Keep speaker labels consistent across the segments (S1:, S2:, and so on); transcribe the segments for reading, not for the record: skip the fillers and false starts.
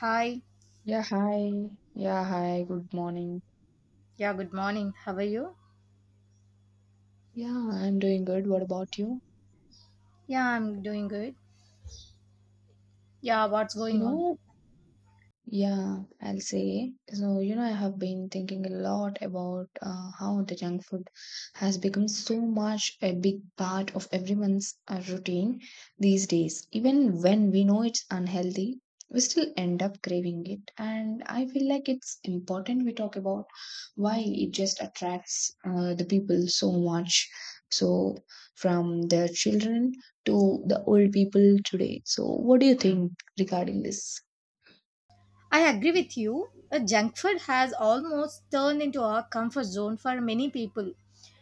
S1: Hi.
S2: Yeah, hi. Yeah, hi. Good morning.
S1: Yeah, good morning. How are you?
S2: Yeah, I'm doing good. What about you?
S1: Yeah, I'm doing good. Yeah, what's
S2: You
S1: going on?
S2: know, yeah, I'll say. So, you know, I have been thinking a lot about how the junk food has become so much a big part of everyone's routine these days. Even when we know it's unhealthy, we still end up craving it. And I feel like it's important we talk about why it just attracts the people so much. So, from the children to the old people today. So, what do you think regarding this?
S1: I agree with you. A junk food has almost turned into a comfort zone for many people.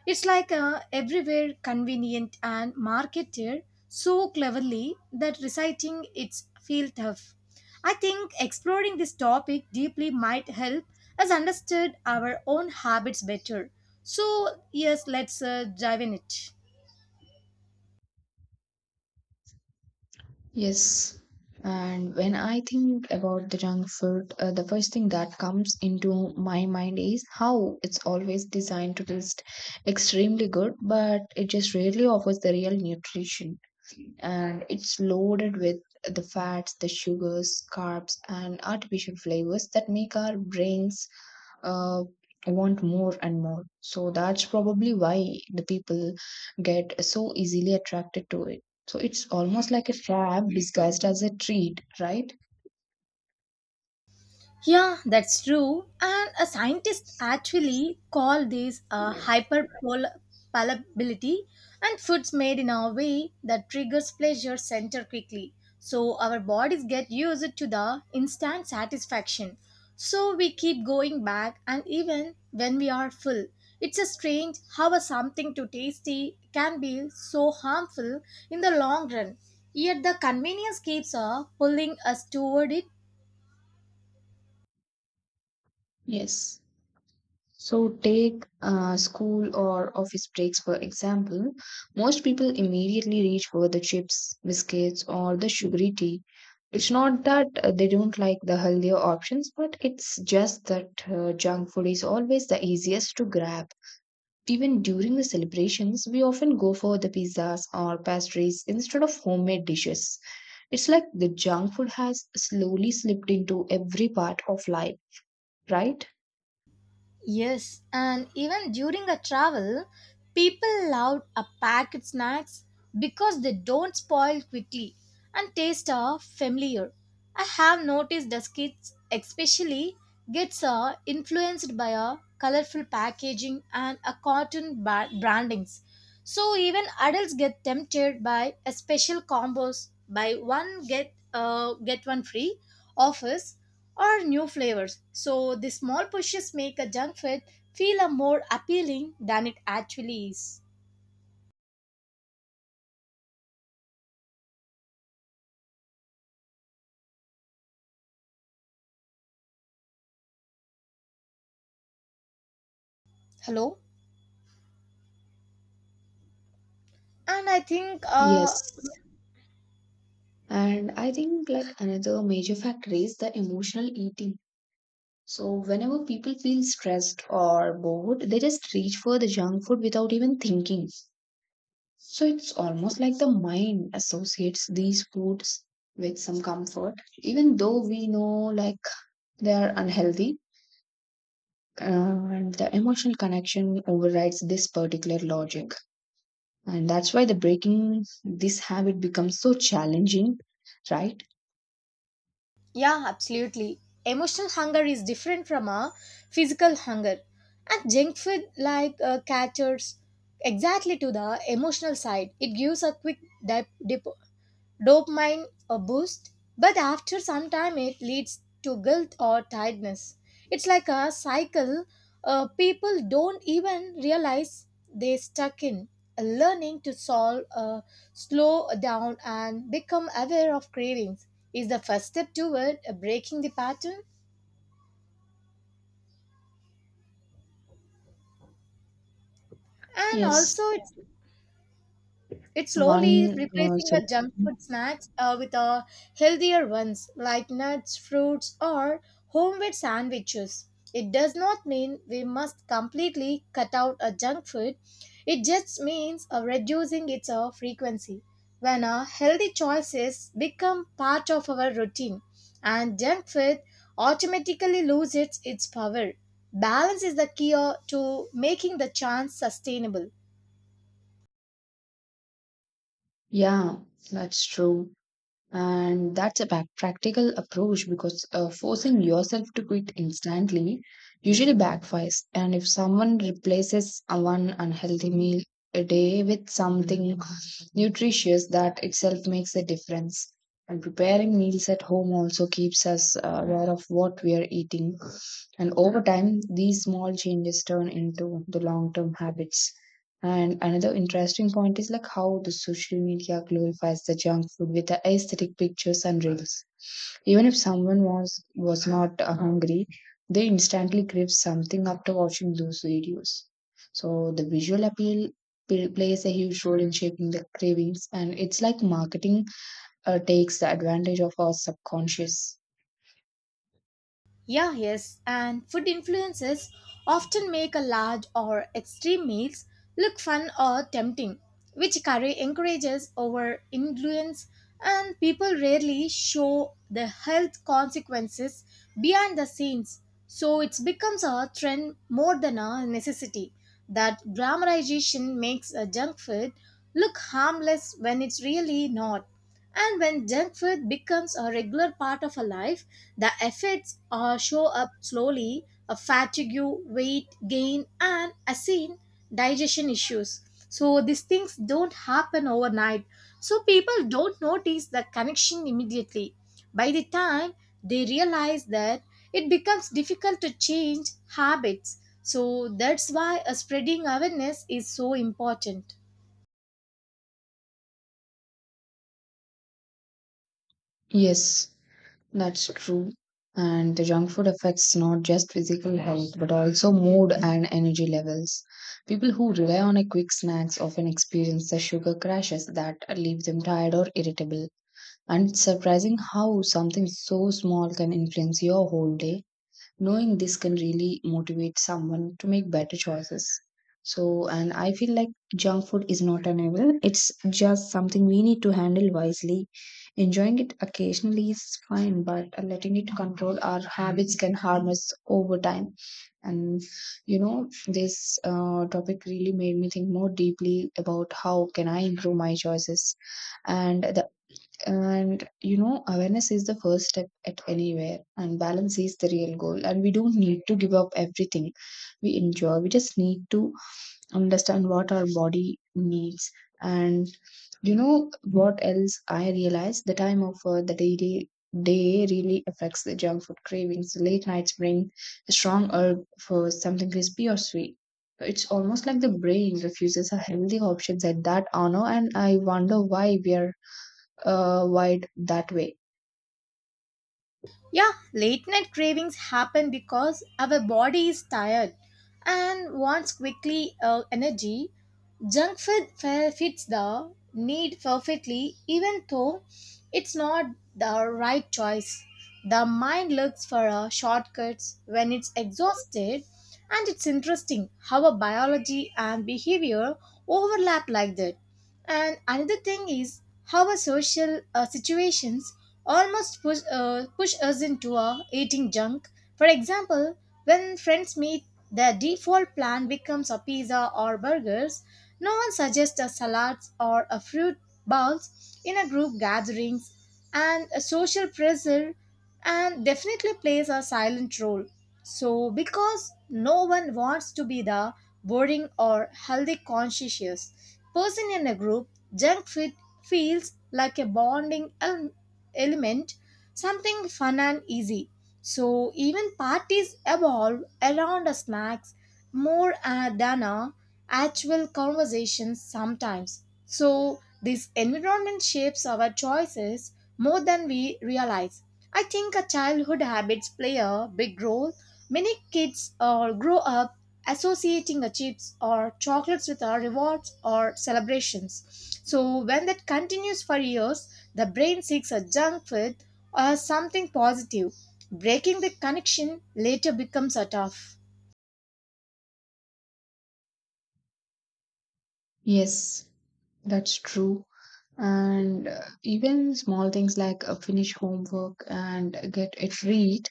S1: It's like a everywhere convenient and marketed so cleverly that reciting it's feel tough. I think exploring this topic deeply might help us understand our own habits better. So, yes, let's dive in it.
S2: Yes, and when I think about the junk food, the first thing that comes into my mind is how it's always designed to taste extremely good, but it just rarely offers the real nutrition. And it's loaded with the fats, the sugars, carbs, and artificial flavors that make our brains uh, want more and more. So that's probably why the people get so easily attracted to it. So it's almost like a trap disguised as a treat, right?
S1: Yeah, that's true. And a scientist actually call this a hyperpalatability and foods made in a way that triggers pleasure center quickly. So our bodies get used to the instant satisfaction. So we keep going back and even when we are full. It's a strange how a something too tasty can be so harmful in the long run. Yet the convenience keeps pulling us toward it.
S2: Yes. So take school or office breaks for example. Most people immediately reach for the chips, biscuits, or the sugary tea. It's not that they don't like the healthier options, but it's just that junk food is always the easiest to grab. Even during the celebrations, we often go for the pizzas or pastries instead of homemade dishes. It's like the junk food has slowly slipped into every part of life, right?
S1: Yes, and even during a travel, people love a packet snacks because they don't spoil quickly and taste are familiar. I have noticed that kids especially gets influenced by a colorful packaging and a cotton brandings. So even adults get tempted by a special combos by one get one free offers or new flavors. So the small pushes make a junk food feel a more appealing than it actually is. Hello, and I think
S2: Yes. And I think like another major factor is the emotional eating. So whenever people feel stressed or bored, they just reach for the junk food without even thinking. So it's almost like the mind associates these foods with some comfort, even though we know like they are unhealthy, and the emotional connection overrides this particular logic. And that's why the breaking this habit becomes so challenging, right?
S1: yeah, absolutely. Emotional hunger is different from a physical hunger, and junk food like caters exactly to the emotional side. It gives a quick dip, dip dopamine a boost, but after some time it leads to guilt or tiredness. It's like a cycle people don't even realize they stuck in. Learning to solve, slow down, and become aware of cravings is the first step toward breaking the pattern. And
S2: Yes.
S1: also, it's slowly
S2: One,
S1: replacing
S2: so
S1: the junk food snacks with healthier ones like nuts, fruits, or homemade sandwiches. It does not mean we must completely cut out a junk food. It just means reducing its frequency. When our healthy choices become part of our routine, and junk food automatically loses its power. Balance is the key to making the chance sustainable.
S2: Yeah, that's true. And that's a back practical approach because forcing yourself to quit instantly usually backfires. And if someone replaces a one unhealthy meal a day with something nutritious, that itself makes a difference, and preparing meals at home also keeps us aware of what we are eating, and over time these small changes turn into the long term habits. And another interesting point is like how the social media glorifies the junk food with the aesthetic pictures and reels. Even if someone was not hungry, they instantly crave something after watching those videos. So the visual appeal plays a huge role in shaping the cravings, and it's like marketing takes the advantage of our subconscious.
S1: Yeah, yes, and food influences often make a large or extreme meals look fun or tempting, which curry encourages over influence, and people rarely show the health consequences behind the scenes. So it becomes a trend more than a necessity. That glamorization makes a junk food look harmless when it's really not. And when junk food becomes a regular part of a life, the effects show up slowly, a fatigue, weight gain, and acid digestion issues. So these things don't happen overnight. So people don't notice the connection immediately. By the time they realize that it becomes difficult to change habits. So that's why a spreading awareness is so important.
S2: Yes, that's true. And the junk food affects not just physical health but also mood and energy levels. People who rely on a quick snacks often experience the sugar crashes that leave them tired or irritable, and it's surprising how something so small can influence your whole day. Knowing this can really motivate someone to make better choices. So, and I feel like junk food is not an evil, it's just something we need to handle wisely. Enjoying it occasionally is fine, but letting it control our habits can harm us over time. And you know, this topic really made me think more deeply about how can I improve my choices. And the and you know, awareness is the first step at anywhere, and balance is the real goal. And we don't need to give up everything we enjoy, we just need to understand what our body needs. And you know, what else I realized, the time of the daily day really affects the junk food cravings. Late nights bring a strong urge for something crispy or sweet. It's almost like the brain refuses a healthy options at that honor, and I wonder why we are wide that way.
S1: Yeah, late night cravings happen because our body is tired and wants quickly energy. Junk fits the need perfectly, even though it's not the right choice. The mind looks for a shortcuts when it's exhausted, and it's interesting how a biology and behavior overlap like that. And another thing is how a social situations almost push us into eating junk. For example, when friends meet, their default plan becomes a pizza or burgers. No one suggests a salad or a fruit bowl in a group gatherings, and a social pressure and definitely plays a silent role. So because no one wants to be the boring or healthy conscious person in a group, junk food feels like a element, something fun and easy. So even parties evolve around a snacks more than a actual conversations sometimes. So, this environment shapes our choices more than we realize. I think our childhood habits play a big role. Many kids grow up associating the chips or chocolates with our rewards or celebrations. So, when that continues for years, the brain seeks a junk food or something positive. Breaking the connection later becomes a tough.
S2: Yes, that's true. And even small things like finish homework and get it read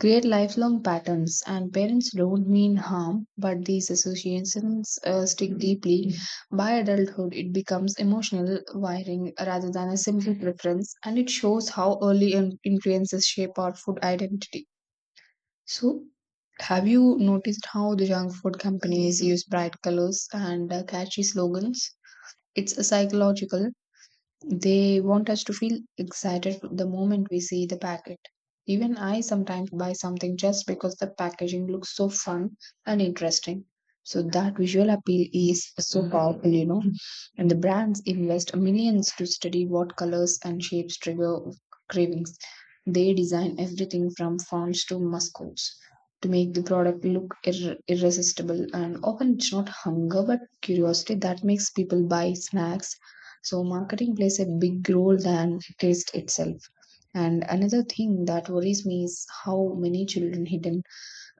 S2: create lifelong patterns. And parents don't mean harm, but these associations stick deeply. By adulthood, it becomes emotional wiring rather than a simple preference, and it shows how early influences shape our food identity. So, have you noticed how the junk food companies use bright colors and catchy slogans? It's a psychological, they want us to feel excited the moment we see the packet. Even I sometimes buy something just because the packaging looks so fun and interesting. So that visual appeal is so powerful, you know. And the brands invest millions to study what colors and shapes trigger cravings. They design everything from fonts to mascots to make the product look irresistible. And often it's not hunger but curiosity that makes people buy snacks, so marketing plays a big role than taste itself. And another thing that worries me is how many children hidden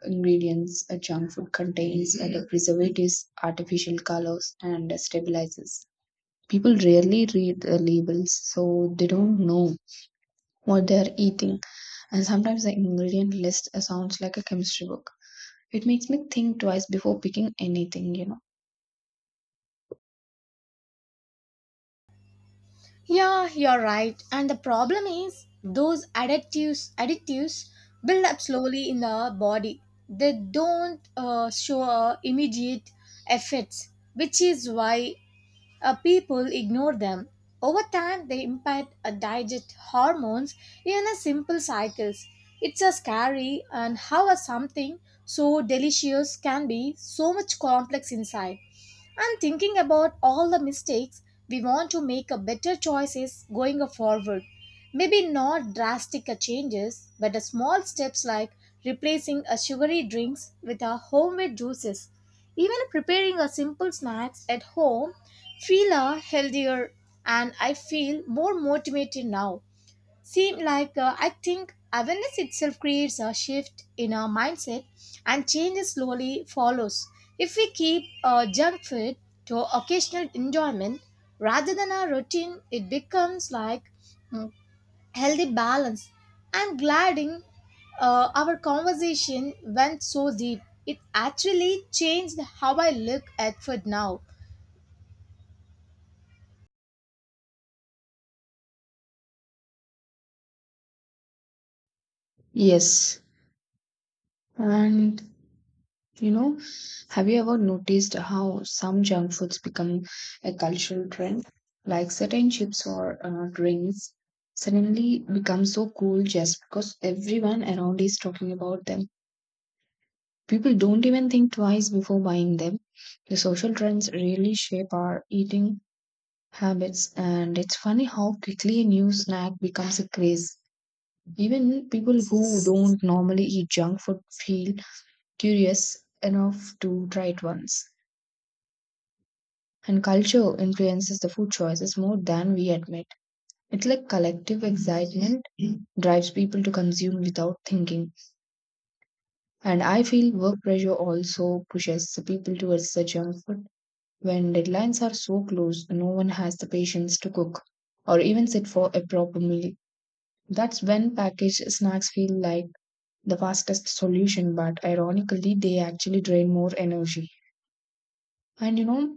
S2: ingredients a junk food contains, the preservatives, artificial colors, and stabilizers. People rarely read the labels, so they don't know what they are eating. And sometimes the ingredient list sounds like a chemistry book. It makes me think twice before picking anything, you know.
S1: Yeah, you're right. And the problem is those additives build up slowly in the body. They don't show immediate effects, which is why people ignore them. Over time, they impact digest hormones in a simple cycles. It's a scary and how a something so delicious can be so much complex inside, and thinking about all the mistakes we want to make a better choices going forward, maybe not drastic changes but a small steps like replacing a sugary drinks with our homemade juices, even preparing a simple snacks at home feel a healthier, and I feel more motivated now. Seem like I think awareness itself creates a shift in our mindset, and change slowly follows. If we keep junk food to occasional enjoyment rather than our routine, it becomes like mm, healthy balance. I'm glad in, our conversation went so deep. It actually changed how I look at food now.
S2: Yes. And you know, have you ever noticed how some junk foods become a cultural trend? Like certain chips or drinks suddenly become so cool just because everyone around is talking about them. People don't even think twice before buying them. The social trends really shape our eating habits, and it's funny how quickly a new snack becomes a craze. Even people who don't normally eat junk food feel curious enough to try it once. And culture influences the food choices more than we admit. It's like collective excitement drives people to consume without thinking. And I feel work pressure also pushes the people towards the junk food. When deadlines are so close, no one has the patience to cook or even sit for a proper meal. That's when packaged snacks feel like the fastest solution, but ironically, they actually drain more energy. And you know,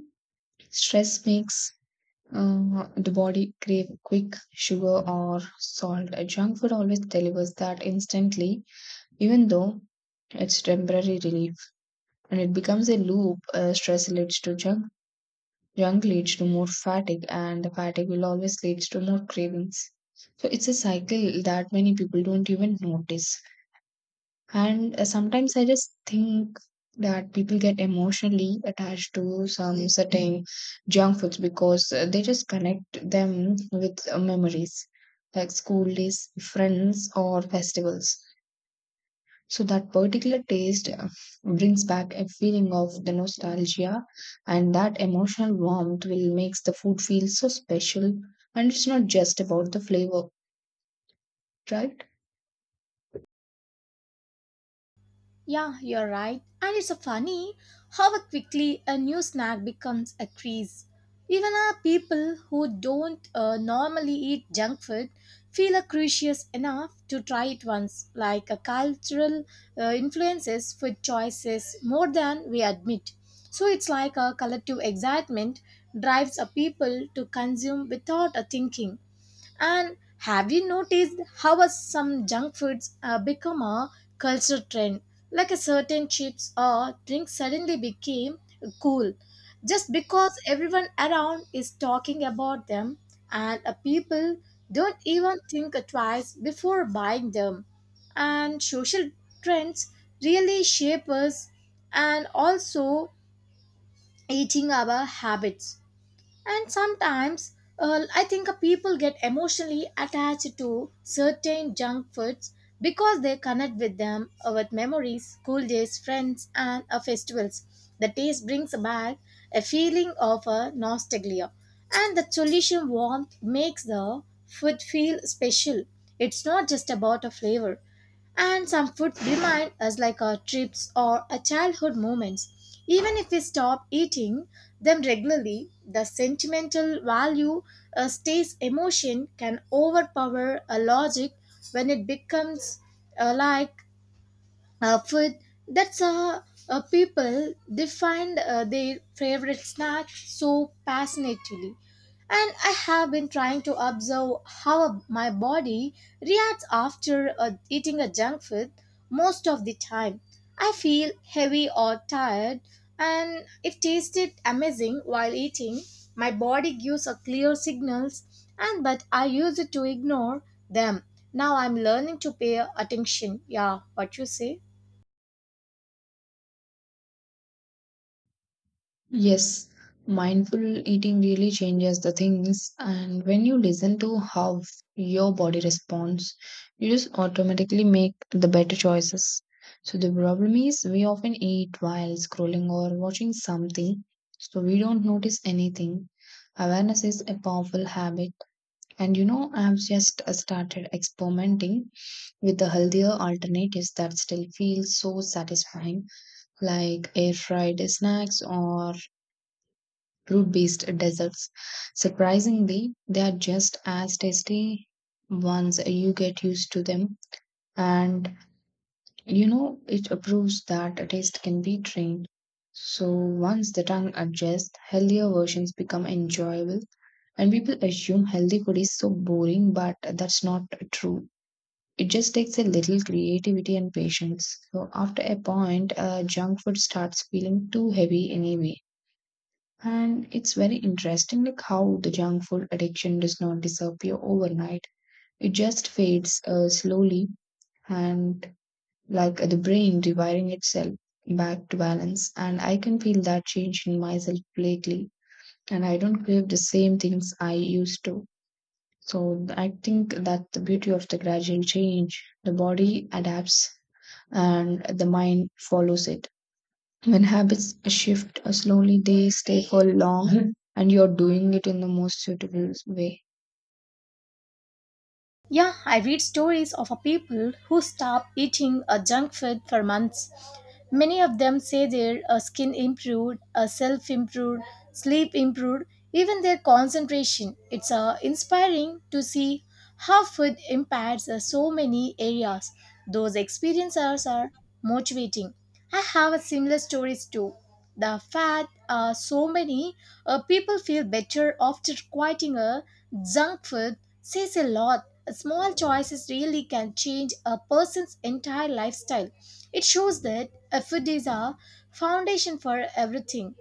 S2: stress makes the body crave quick sugar or salt. Junk food always delivers that instantly, even though it's temporary relief. And it becomes a loop. Stress leads to junk. Junk leads to more fatigue, and the fatigue will always leads to more cravings. So it's a cycle that many people don't even notice. And sometimes I just think that people get emotionally attached to some certain junk foods because they just connect them with memories like school days, friends, or festivals. So that particular taste brings back a feeling of the nostalgia, and that emotional warmth will makes the food feel so special. And it's not just about the flavor, right?
S1: Yeah, you're right. And it's funny how quickly a new snack becomes a craze. Even our people who don't normally eat junk food feel curious enough to try it once, like a cultural influences food choices more than we admit. So it's like a collective excitement drives a people to consume without a thinking. And have you noticed how some junk foods become a cultural trend? Like a certain chips or drink suddenly became cool just because everyone around is talking about them, and people don't even think twice before buying them. And social trends really shape us and also eating our habits. And sometimes I think people get emotionally attached to certain junk foods because they connect with them with memories, school days, friends, and festivals. The taste brings back a feeling of nostalgia, and the solution warmth makes the food feel special. It's not just about a flavor, and some food remind us like our trips or our childhood moments. Even if we stop eating them regularly, the sentimental value a state's emotion can overpower a logic when it becomes like food that's people define their favorite snack so passionately, and I have been trying to observe how my body reacts after eating a junk food. Most of the time I feel heavy or tired, and if tasted amazing while eating, my body gives a clear signals, and but I use it to ignore them. Now I'm learning to pay attention. Yeah, what you say?
S2: Yes, mindful eating really changes the things, and when you listen to how your body responds, you just automatically make the better choices. So, the problem is we often eat while scrolling or watching something, so we don't notice anything. Awareness is a powerful habit, and you know, I've just started experimenting with the healthier alternatives that still feel so satisfying, like air fried snacks or fruit based desserts. Surprisingly, they are just as tasty once you get used to them. And you know, it proves that a taste can be trained. So once the tongue adjusts, healthier versions become enjoyable. And people assume healthy food is so boring, but that's not true. It just takes a little creativity and patience. So after a point, junk food starts feeling too heavy anyway. And it's very interesting like how the junk food addiction does not disappear overnight. It just fades slowly and like the brain rewiring itself back to balance. And I can feel that change in myself lately. And I don't crave the same things I used to. So I think that the beauty of the gradual change, the body adapts and the mind follows it. When habits shift slowly, they stay for long, and you're doing it in the most suitable way.
S1: Yeah, I read stories of a people who stop eating a junk food for months. Many of them say their skin improved, self improved, sleep improved, even their concentration. It's inspiring to see how food impacts so many areas. Those experiences are motivating. I have a similar stories too. The fact so many people feel better after quitting a junk food says a lot. Small choices really can change a person's entire lifestyle. It shows that a food is a foundation for everything.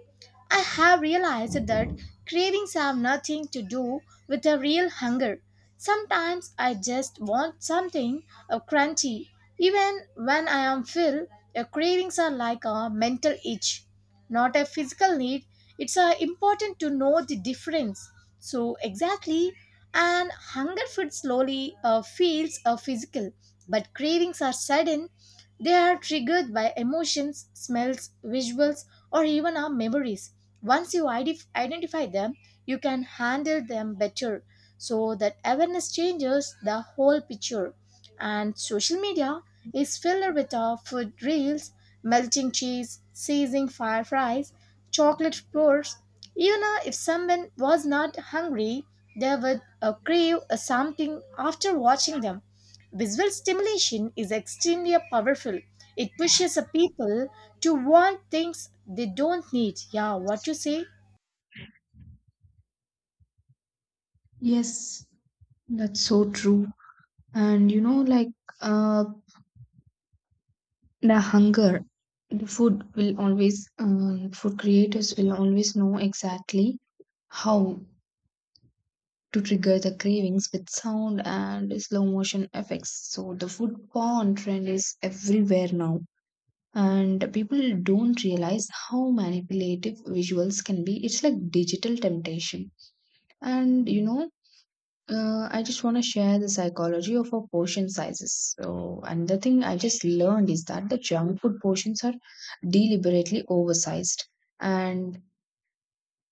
S1: I have realized that cravings have nothing to do with a real hunger. Sometimes I just want something crunchy. Even when I am full, your cravings are like a mental itch, not a physical need. It's important to know the difference. So exactly, and hunger food slowly feels physical, but cravings are sudden. They are triggered by emotions, smells, visuals, or even our memories. Once you identify them, you can handle them better. So that awareness changes the whole picture. And social media is filled with our food reels, melting cheese, seizing fireflies, chocolate pours. Even if someone was not hungry, they would crave something after watching them. Visual stimulation is extremely powerful. It pushes a people to want things they don't need. Yeah, what you say?
S2: Yes, that's so true. And you know, like uh, the hunger, the food will always, food creators will always know exactly how to trigger the cravings with sound and slow motion effects. So the food porn trend is everywhere now. And people don't realize how manipulative visuals can be. It's like digital temptation. And you know, I just want to share the psychology of our portion sizes. So another thing I just learned is that the junk food portions are deliberately oversized. And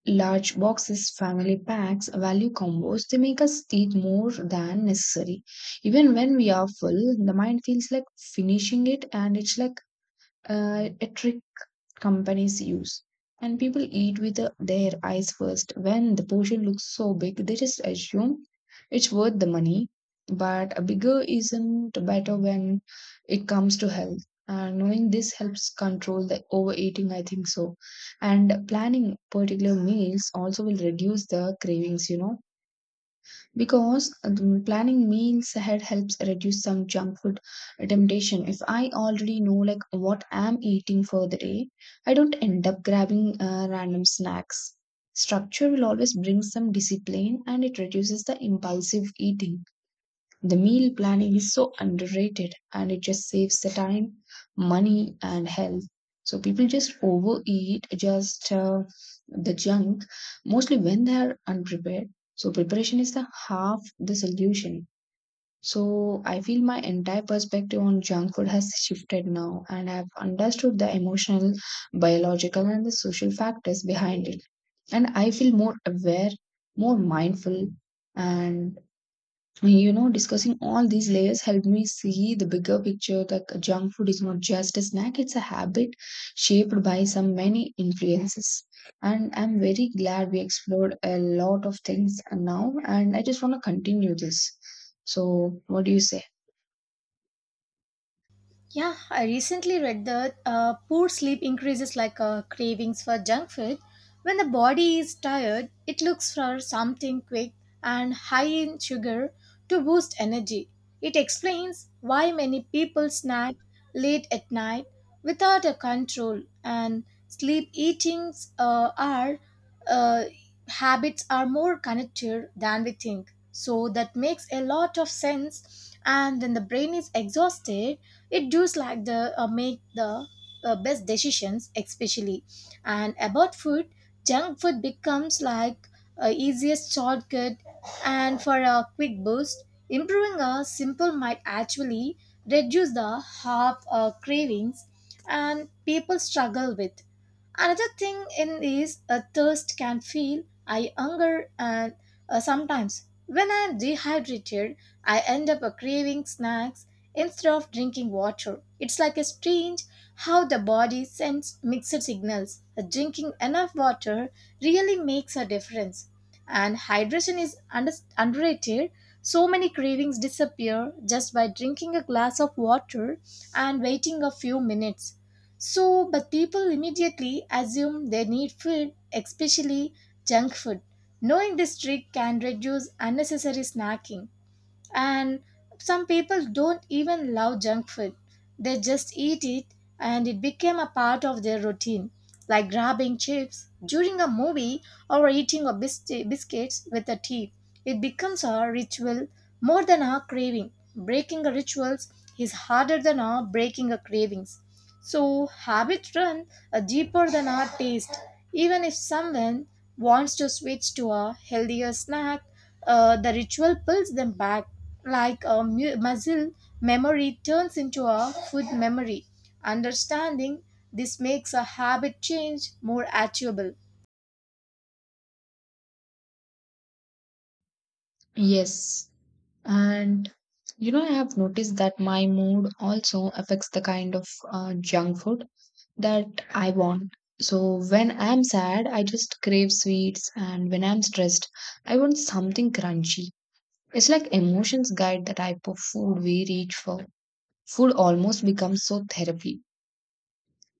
S2: large boxes, family packs, value combos, they make us eat more than necessary. Even when we are full, the mind feels like finishing it, and it's like a trick companies use. And people eat with their eyes first. When the portion looks so big, they just assume it's worth the money. But a bigger isn't better when it comes to health. Knowing this helps control the overeating, I think so. And planning particular meals also will reduce the cravings, you know, because planning meals ahead helps reduce some junk food temptation. If I already know like what I'm eating for the day, I don't end up grabbing random snacks. Structure will always bring some discipline and it reduces the impulsive eating. The meal planning is so underrated and it just saves the time, money, and health. So people just overeat just the junk mostly when they are unprepared. So preparation is the half the solution. So I feel my entire perspective on junk food has shifted now and I've understood the emotional, biological and the social factors behind it. And I feel more aware, more mindful, and you know, discussing all these layers helped me see the bigger picture that junk food is not just a snack, it's a habit shaped by some many influences. And I'm very glad we explored a lot of things now, and I just want to continue this. So, what do you say?
S1: Yeah, I recently read that poor sleep increases like cravings for junk food. When the body is tired, it looks for something quick and high in sugar to boost energy. It explains why many people snack late at night without a control, and sleep eatings are uh, habits are more connected than we think. So that makes a lot of sense. And when the brain is exhausted, it does like the make the best decisions especially and about food junk food becomes like easiest shortcut, and for a quick boost improving a simple might actually reduce the half cravings, and people struggle with another thing in is a thirst can feel I hunger, and sometimes when I'm dehydrated I end up craving snacks instead of drinking water. It's like a strange how the body sends mixed signals. Drinking enough water really makes a difference. And hydration is underrated. So many cravings disappear just by drinking a glass of water and waiting a few minutes. So, but people immediately assume they need food, especially junk food. Knowing this trick can reduce unnecessary snacking, and some people don't even love junk food, they just eat it and it became a part of their routine, like grabbing chips during a movie or eating a biscuits with a tea. It becomes a ritual more than a craving. Breaking a rituals is harder than our breaking a cravings. So habits run a deeper than our taste. Even if someone wants to switch to a healthier snack, the ritual pulls them back. Like a muscle memory turns into a food memory. Understanding this makes a habit change more achievable.
S2: Yes. And you know, I have noticed that my mood also affects the kind of junk food that I want. So when I'm sad, I just crave sweets, and when I'm stressed, I want something crunchy. It's like emotions guide the type of food we reach for. Food almost becomes so therapy,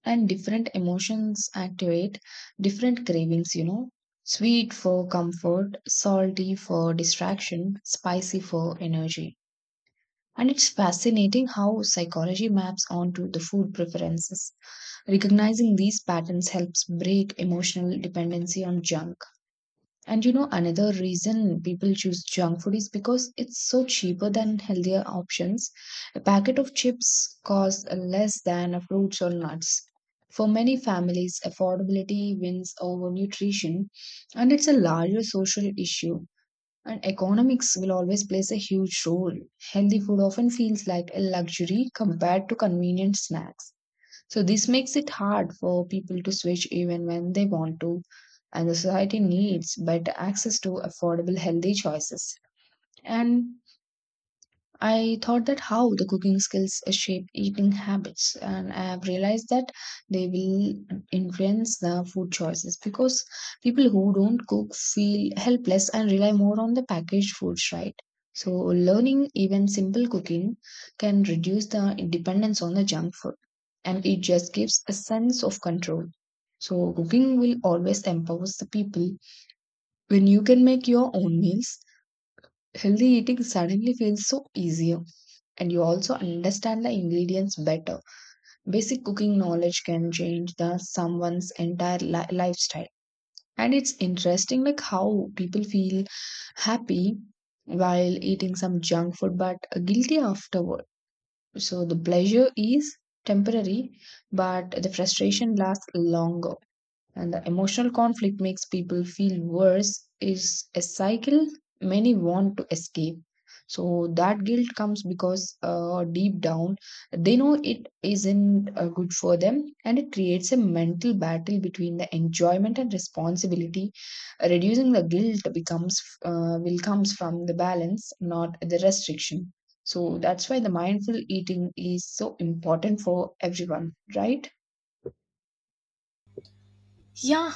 S2: and different emotions activate different cravings, you know. Sweet for comfort, salty for distraction, spicy for energy. And it's fascinating how psychology maps onto the food preferences. Recognizing these patterns helps break emotional dependency on junk. And you know, another reason people choose junk food is because it's so cheaper than healthier options. A packet of chips costs less than a fruits or nuts. For many families, affordability wins over nutrition, and it's a larger social issue. And economics will always plays a huge role. Healthy food often feels like a luxury compared to convenient snacks. So this makes it hard for people to switch even when they want to. And the society needs better access to affordable healthy choices. And I thought that how the cooking skills shape eating habits, and I have realized that they will influence the food choices because people who don't cook feel helpless and rely more on the packaged foods, right? So, learning even simple cooking can reduce the dependence on the junk food, and it just gives a sense of control. So, cooking will always empower the people. When you can make your own meals, healthy eating suddenly feels so easier, and you also understand the ingredients better. Basic cooking knowledge can change the someone's entire lifestyle. And it's interesting like how people feel happy while eating some junk food but guilty afterward. So the pleasure is temporary but the frustration lasts longer, and the emotional conflict makes people feel worse. Is a cycle many want to escape. So that guilt comes because deep down they know it isn't good for them, and it creates a mental battle between the enjoyment and responsibility. Reducing the guilt becomes will comes from the balance, not the restriction. So that's why the mindful eating is so important for everyone, right?
S1: Yeah,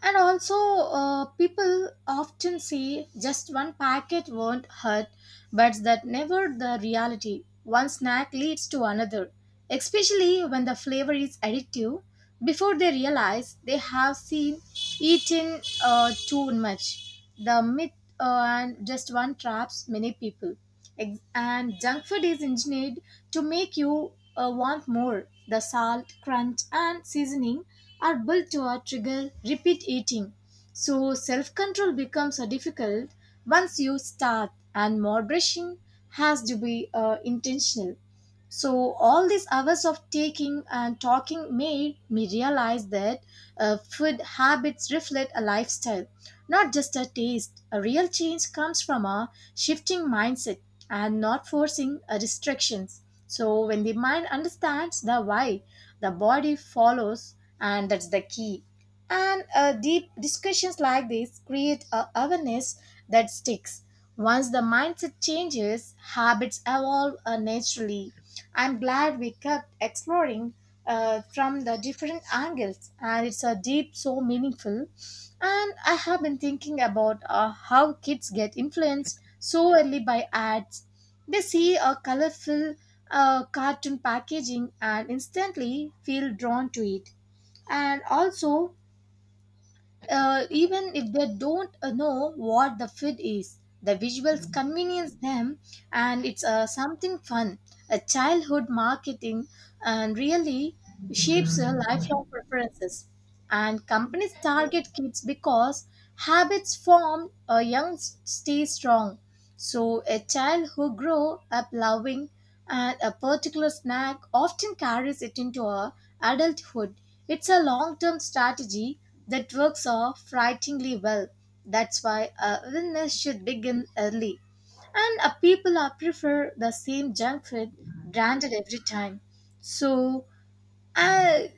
S1: and also, people often say just one packet won't hurt, but that never the reality. One snack leads to another, especially when the flavor is addictive. Before they realize they have seen eaten too much, the myth and just one traps many people. And junk food is engineered to make you want more. The salt, crunch, and seasoning are built to trigger repeat eating. So self control becomes difficult once you start, and moderation has to be intentional. So all these hours of taking and talking made me realize that food habits reflect a lifestyle, not just a taste. A real change comes from a shifting mindset and not forcing restrictions. So when the mind understands the why, the body follows, and that's the key. And deep discussions like this create a awareness that sticks. Once the mindset changes, habits evolve naturally. I'm glad we kept exploring from the different angles, and it's a deep so meaningful. And I have been thinking about how kids get influenced so early by ads. They see a colorful cartoon packaging and instantly feel drawn to it. And also, even if they don't know what the food is, the visuals convenience them, and it's something fun. A childhood marketing and really shapes lifelong preferences. And companies target kids because habits formed young stay strong. So a child who grow up loving and a particular snack often carries it into our adulthood. It's a long term strategy that works off frighteningly well. That's why illness should begin early. And people are prefer the same junk food branded every time. So I,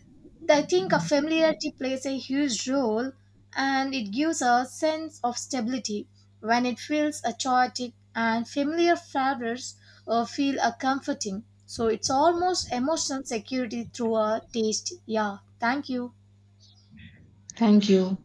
S1: I think a familiarity plays a huge role, and it gives a sense of stability when it feels a chaotic, and familiar flavors feel a comforting. So it's almost emotional security through a taste. Yeah, thank you.
S2: Thank you.